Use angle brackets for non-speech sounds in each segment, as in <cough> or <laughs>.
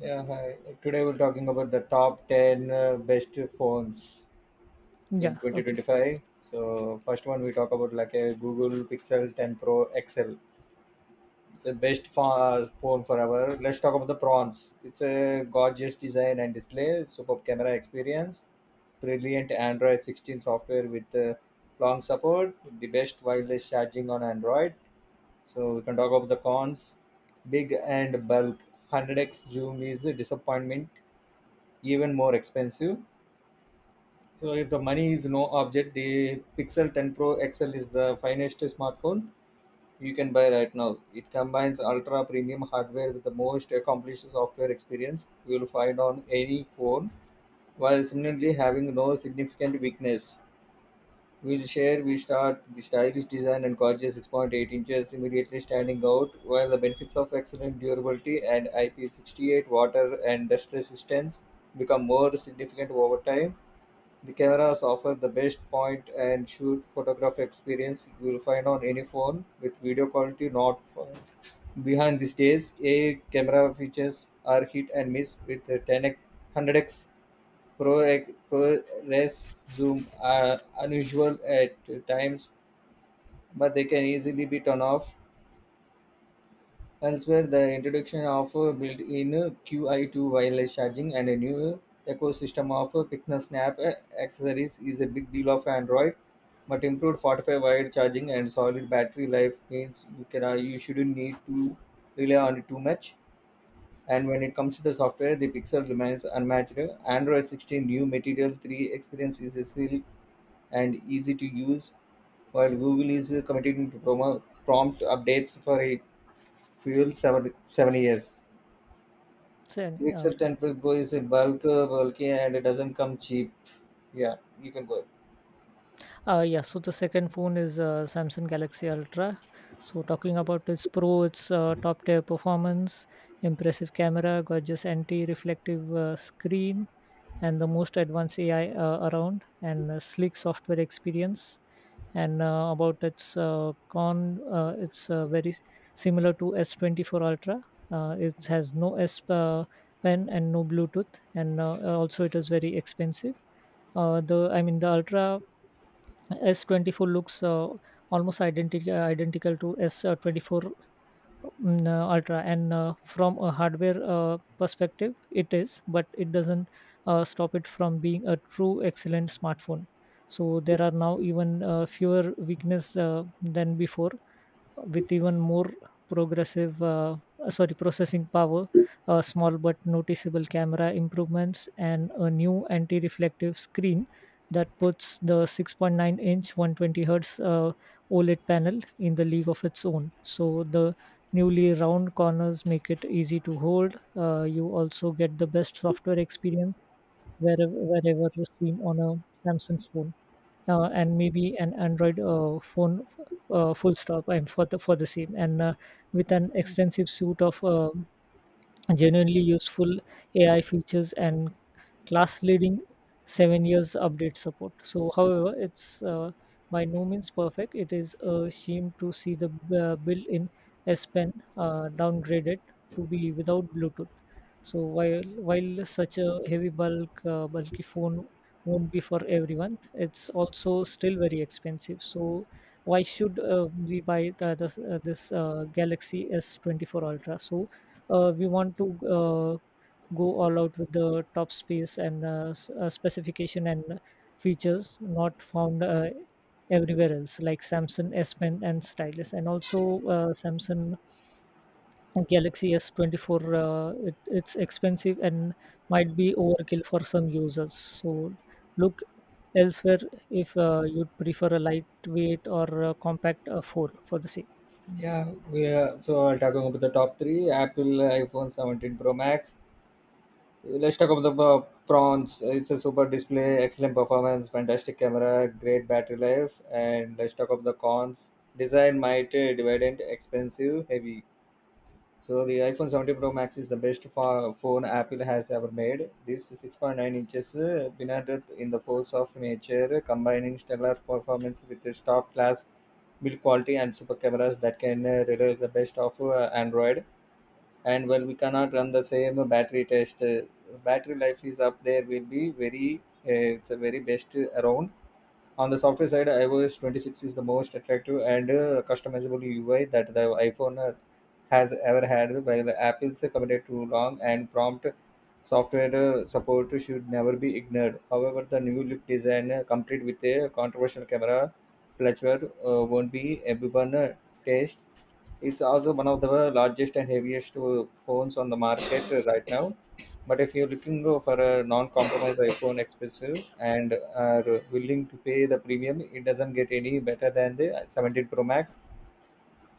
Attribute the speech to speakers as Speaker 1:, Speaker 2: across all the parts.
Speaker 1: Yeah, hi. Today we're talking about the top 10 best phones in
Speaker 2: Yeah, okay.
Speaker 1: 2025. So, first one we talk about like a Google Pixel 10 Pro XL. It's a phone forever. Let's talk about the prawns. It's a gorgeous design and display, superb camera experience, brilliant Android 16 software with long support, the best wireless charging on Android. So, we can talk about the cons. Big and bulk. 100x zoom is a disappointment, even more expensive. So if the money is no object, the Pixel 10 Pro XL is the finest smartphone you can buy right now. It combines ultra premium hardware with the most accomplished software experience you will find on any phone, while similarly having no significant weakness. We'll share we start the stylish design and gorgeous 6.8 inches immediately standing out, while the benefits of excellent durability and IP68 water and dust resistance become more significant over time. The cameras offer the best point and shoot photograph experience you will find on any phone, with video quality not far behind these days. AI camera features are hit and miss, with the 10x, 100x Pro, X- Pro Res zoom are unusual at times, but they can easily be turned off. Elsewhere, the introduction of a built-in QI to wireless charging and a new ecosystem of Pixel Snap accessories is a big deal of Android. But improved 45 wire charging and solid battery life means you shouldn't need to rely on it too much. And when it comes to the software, the Pixel remains unmatched. Android 16 new Material 3 experience is a silk and easy to use, while Google is committing to prompt updates for a fuel seven years.
Speaker 2: So,
Speaker 1: It's
Speaker 2: uh,
Speaker 1: a
Speaker 2: okay.
Speaker 1: 10 per boy is a bulky and it doesn't come cheap. Yeah, you can go.
Speaker 2: Yeah, so the second phone is Samsung Galaxy Ultra. So, talking about its pro, its top tier performance, impressive camera, gorgeous anti reflective screen, and the most advanced AI around, and a slick software experience. And about its con, it's very similar to S24 Ultra. It has no S pen and no Bluetooth, and also it is very expensive. The I mean the Ultra S24 looks almost identical to S24, Ultra, and from a hardware perspective, it is, but it doesn't stop it from being a true excellent smartphone. So there are now even fewer weakness than before, with even more progressive sorry processing power, a small but noticeable camera improvements, and a new anti-reflective screen that puts the 6.9 inch 120 hertz OLED panel in the league of its own. So the newly round corners make it easy to hold. You also get the best software experience wherever seen on a Samsung phone, and maybe an Android phone, full stop. I'm for the same, and with an extensive suite of genuinely useful AI features and class leading 7 years update support. So, however, it's by no means perfect. It is a shame to see the build in S Pen downgraded to be without Bluetooth. So, while such a heavy bulky phone won't be for everyone, it's also still very expensive. So, why should we buy this Galaxy S24 Ultra? So, we want to go all out with the top space and specification and features not found everywhere else like Samsung S Pen and stylus. And also Samsung Galaxy S24, it's expensive and might be overkill for some users, so look elsewhere if you'd prefer a lightweight or a compact phone for the same.
Speaker 1: Yeah, we are, so I'll talk about the top three, Apple iPhone 17 Pro Max. Let's talk about the prawns. It's a super display, excellent performance, fantastic camera, great battery life. And let's talk about the cons. Design might dividend expensive heavy. So the iPhone 17 Pro Max is the phone Apple has ever made. This 6.9 inches bended in the force of nature, combining stellar performance with a top-class build quality and super cameras that can relay the best of Android. And well, we cannot run the same battery test. Battery life is up there. Will be very. It's a very best around. On the software side, iOS 26 is the most attractive and customizable UI that the iPhone has ever had, while Apple's committed to long and prompt software support should never be ignored. However, the new look design, complete with a controversial camera clutch, won't be everyone taste. It's also one of the largest and heaviest phones on the market right now. But if you're looking for a non-compromise iPhone expensive and are willing to pay the premium, it doesn't get any better than the 17 Pro Max.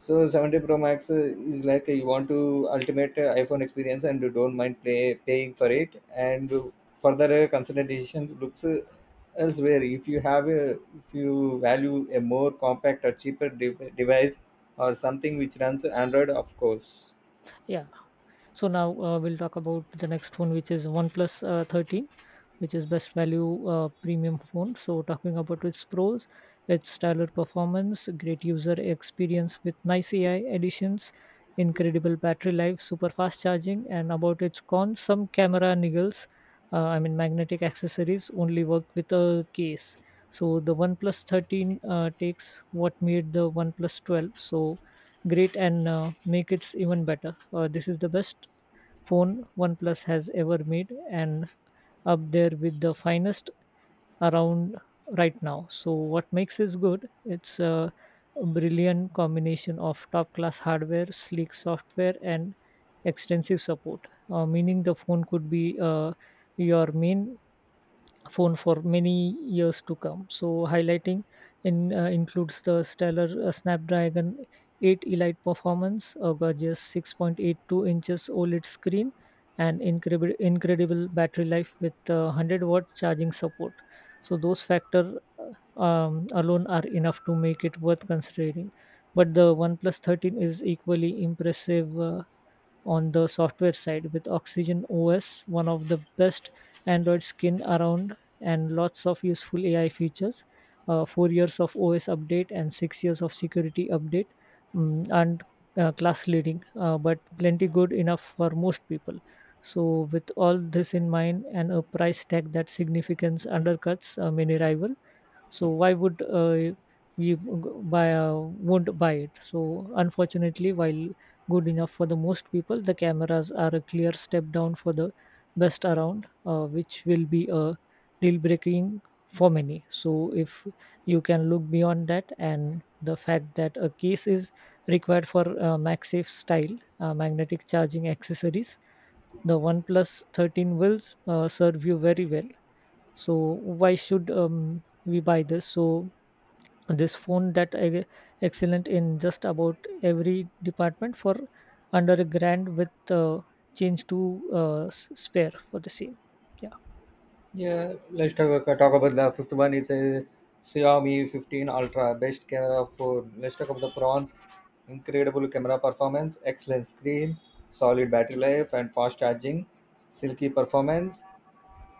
Speaker 1: So 70 Pro Max is like you want to ultimate iPhone experience and you don't mind paying for it. And further consideration looks elsewhere. If if you value a more compact or cheaper device, or something which runs Android, of course.
Speaker 2: Yeah. So now we'll talk about the next phone, which is OnePlus 13, which is best value premium phone. So talking about its pros, its stellar performance, great user experience with nice AI additions, incredible battery life, super fast charging, and about its cons, some camera niggles. I mean, magnetic accessories only work with a case. So the OnePlus 13 takes what made the OnePlus 12 so great and make it even better. This is the best phone OnePlus has ever made and up there with the finest around right now. So what makes it good? It's a brilliant combination of top class hardware, sleek software and extensive support. Meaning the phone could be your main phone for many years to come. So highlighting in includes the stellar Snapdragon 8 Elite performance, a gorgeous 6.82 inches OLED screen, and incredible battery life with 100-watt charging support. So those factor alone are enough to make it worth considering. But the OnePlus 13 is equally impressive on the software side with Oxygen OS, one of the best Android skin around, and lots of useful AI features. 4 years of OS update and 6 years of security update, and class leading, but plenty good enough for most people. So, with all this in mind and a price tag that significance undercuts many rivals. So why would we g- buy won't buy it. So unfortunately, while good enough for the most people, the cameras are a clear step down for the best around, which will be a deal breaking for many. So if you can look beyond that and the fact that a case is required for MagSafe style magnetic charging accessories, the OnePlus 13 will serve you very well. So why should we buy this? So this phone that excellent in just about every department for under a grand with change to spare for the same. Yeah,
Speaker 1: Yeah, let's talk about the fifth one. It's a Xiaomi 15 Ultra, best camera for. Let's talk about the prawns. Incredible camera performance, excellent screen, solid battery life, and fast charging. Silky performance.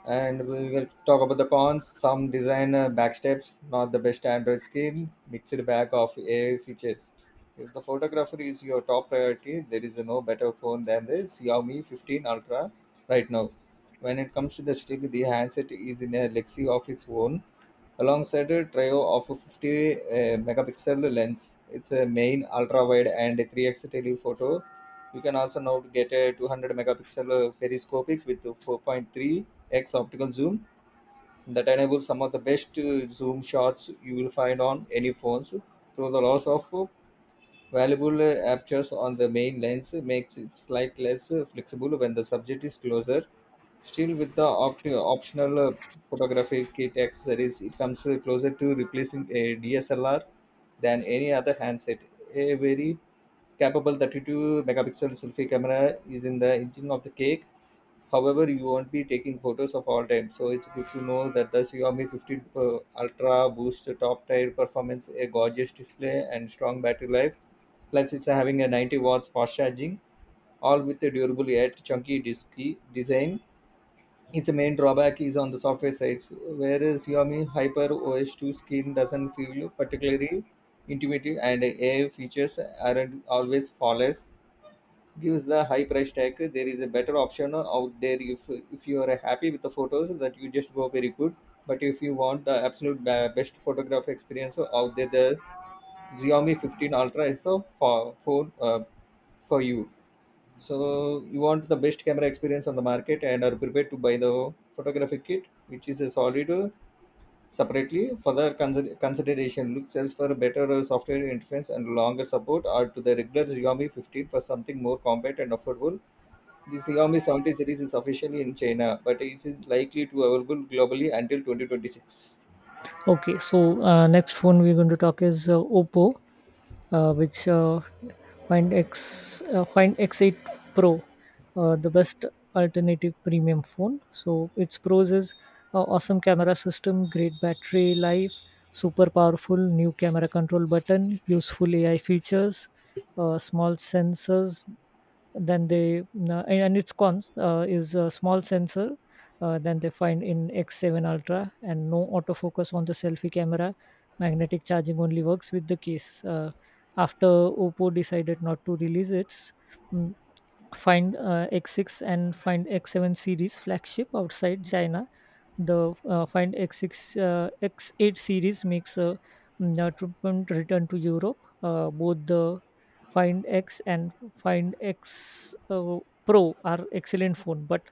Speaker 1: And we will talk about the cons. Some design backsteps, not the best Android skin, mixed bag of AI features. If the photographer is your top priority, there is no better phone than the Xiaomi 15 Ultra right now. When it comes to the stick, the handset is in a legacy of its own, alongside a trio of a 50 megapixel lens. It's a main ultra wide and a 3x telephoto. You can also now get a 200 megapixel periscopic with a 4.3x optical zoom that enables some of the best zoom shots you will find on any phones. Though the loss of valuable apertures on the main lens makes it slightly less flexible when the subject is closer. Still, with the optional photography kit accessories, it comes closer to replacing a DSLR than any other handset. A very capable 32 megapixel selfie camera is in the engine of the cake. However, you won't be taking photos of all time, so it's good to know that the Xiaomi 15 Pro Ultra boosts the top tier performance, a gorgeous display, and strong battery life. Plus, it's having a 90 watts fast charging, all with a durable yet chunky disc design. Its main drawback is on the software side, whereas Xiaomi Hyper OS 2 skin doesn't feel particularly intuitive and AI features aren't always flawless. Gives the high price tag, there is a better option out there if you are happy with the photos that you just go very good. But if you want the absolute best photograph experience out there, the Xiaomi 15 Ultra is the phone for you. So you want the best camera experience on the market and are prepared to buy the photographic kit, which is a solid separately for the consideration. Look sells for a better software interface and longer support, or to the regular Xiaomi 15 for something more compact and affordable. The Xiaomi 70 series is officially in China, but is likely to available globally until 2026.
Speaker 2: okay. So next phone we're going to talk is Oppo, which Find X Find X8 Pro, the best alternative premium phone. So its pros is awesome camera system, great battery life, super powerful new camera control button, useful AI features, small sensors, then they and its cons is a small sensor than they find in X7 Ultra and no autofocus on the selfie camera. Magnetic charging only works with the case. After Oppo decided not to release its mm, Find X6 and Find X7 series flagship outside China, the X8 series makes a triumphant return to Europe. Both the Find X and Find X Pro are excellent phone, but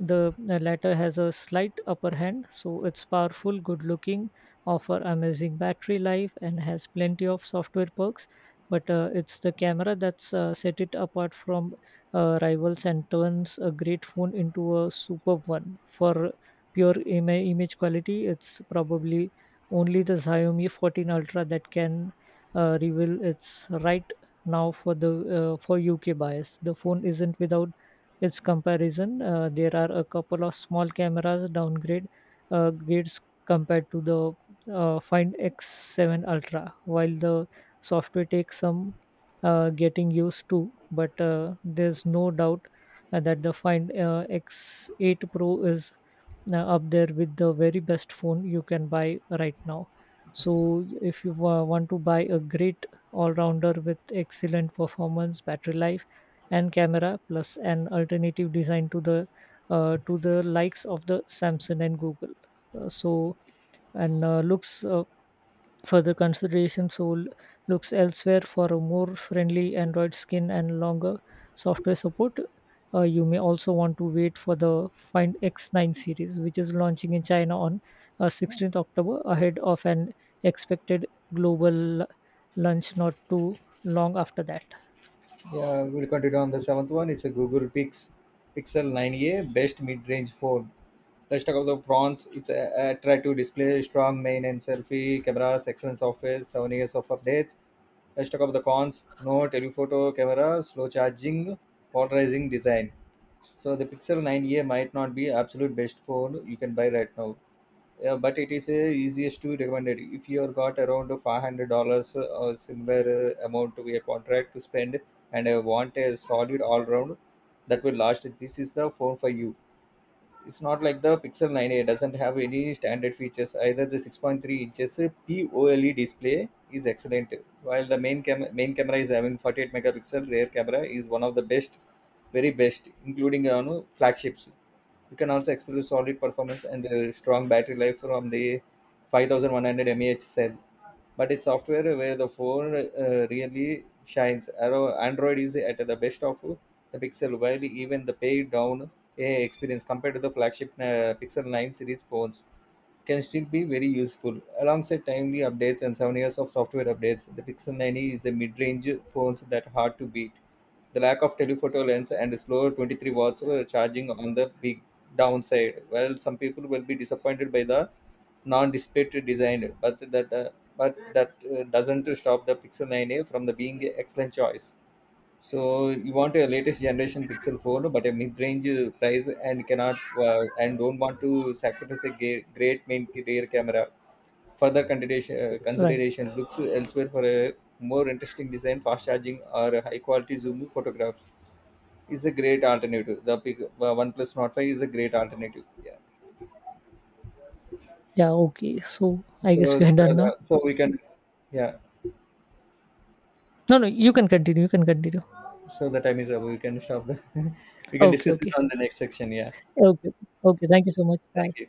Speaker 2: the latter has a slight upper hand. So it's powerful, good looking, offer amazing battery life, and has plenty of software perks. But it's the camera that's set it apart from rivals and turns a great phone into a superb one. For pure image quality, it's probably only the Xiaomi 14 Ultra that can reveal its right now for the for UK bias. The phone isn't without its comparison. There are a couple of small cameras downgrade grades compared to the Find X7 Ultra, while the software takes some getting used to. But there's no doubt that the Find X8 Pro is up there with the very best phone you can buy right now. So, if you want to buy a great all rounder with excellent performance, battery life, and camera, plus an alternative design to the likes of the Samsung and Google, so and looks further consideration soul looks elsewhere for a more friendly Android skin and longer software support. You may also want to wait for the Find X9 series, which is launching in China on October 16th ahead of an expected global launch not too long after that.
Speaker 1: Yeah, we'll continue on the seventh one. It's a Google Pix Pixel 9a, best mid-range phone. The stock of the prawns, it's a attractive display, strong main and selfie cameras, excellent software, 7 years of updates. The stock of the cons, no telephoto camera, slow charging, polarizing design. So the Pixel 9a might not be absolute best phone you can buy right now. Yeah, but it is easiest to recommend it. If you have got around $500 or similar amount to a contract to spend, and want a solid all round that will last, this is the phone for you. It's not like the Pixel 9a doesn't have any standard features. Either the 6.3 inches POLE display is excellent, while the main camera is having 48 megapixel rear camera is one of the best, very best, including on flagships. You can also expect solid performance and strong battery life from the 5100 mAh cell. But it's software where the phone really shines. Android is at the best of the Pixel, while even the paid down AI experience compared to the flagship Pixel 9 series phones can still be very useful. Alongside timely updates and souvenirs of software updates, the Pixel 9e is a mid-range phone that hard to beat. The lack of telephoto lens and slower 23 watts charging on the big downside. Well, some people will be disappointed by the non-display design, but that doesn't stop the Pixel 9a from the being an excellent choice. So you want a latest generation Pixel phone, but a mid-range price and cannot and don't want to sacrifice a great main rear camera. Further
Speaker 2: Right.
Speaker 1: consideration looks elsewhere for a more interesting design, fast charging, or a high-quality zoom photographs is a great alternative. The OnePlus Note 5 is a great alternative. Yeah.
Speaker 2: Yeah, okay. So I guess
Speaker 1: So
Speaker 2: we
Speaker 1: these
Speaker 2: are done now.
Speaker 1: so we can, yeah.
Speaker 2: No, no, you can continue. You can continue.
Speaker 1: So the time is up. We can stop the. <laughs> We can
Speaker 2: Okay,
Speaker 1: discuss it
Speaker 2: okay.
Speaker 1: on the next section. Yeah.
Speaker 2: Okay, okay. Okay, thank you so much. Bye.
Speaker 1: Thank you.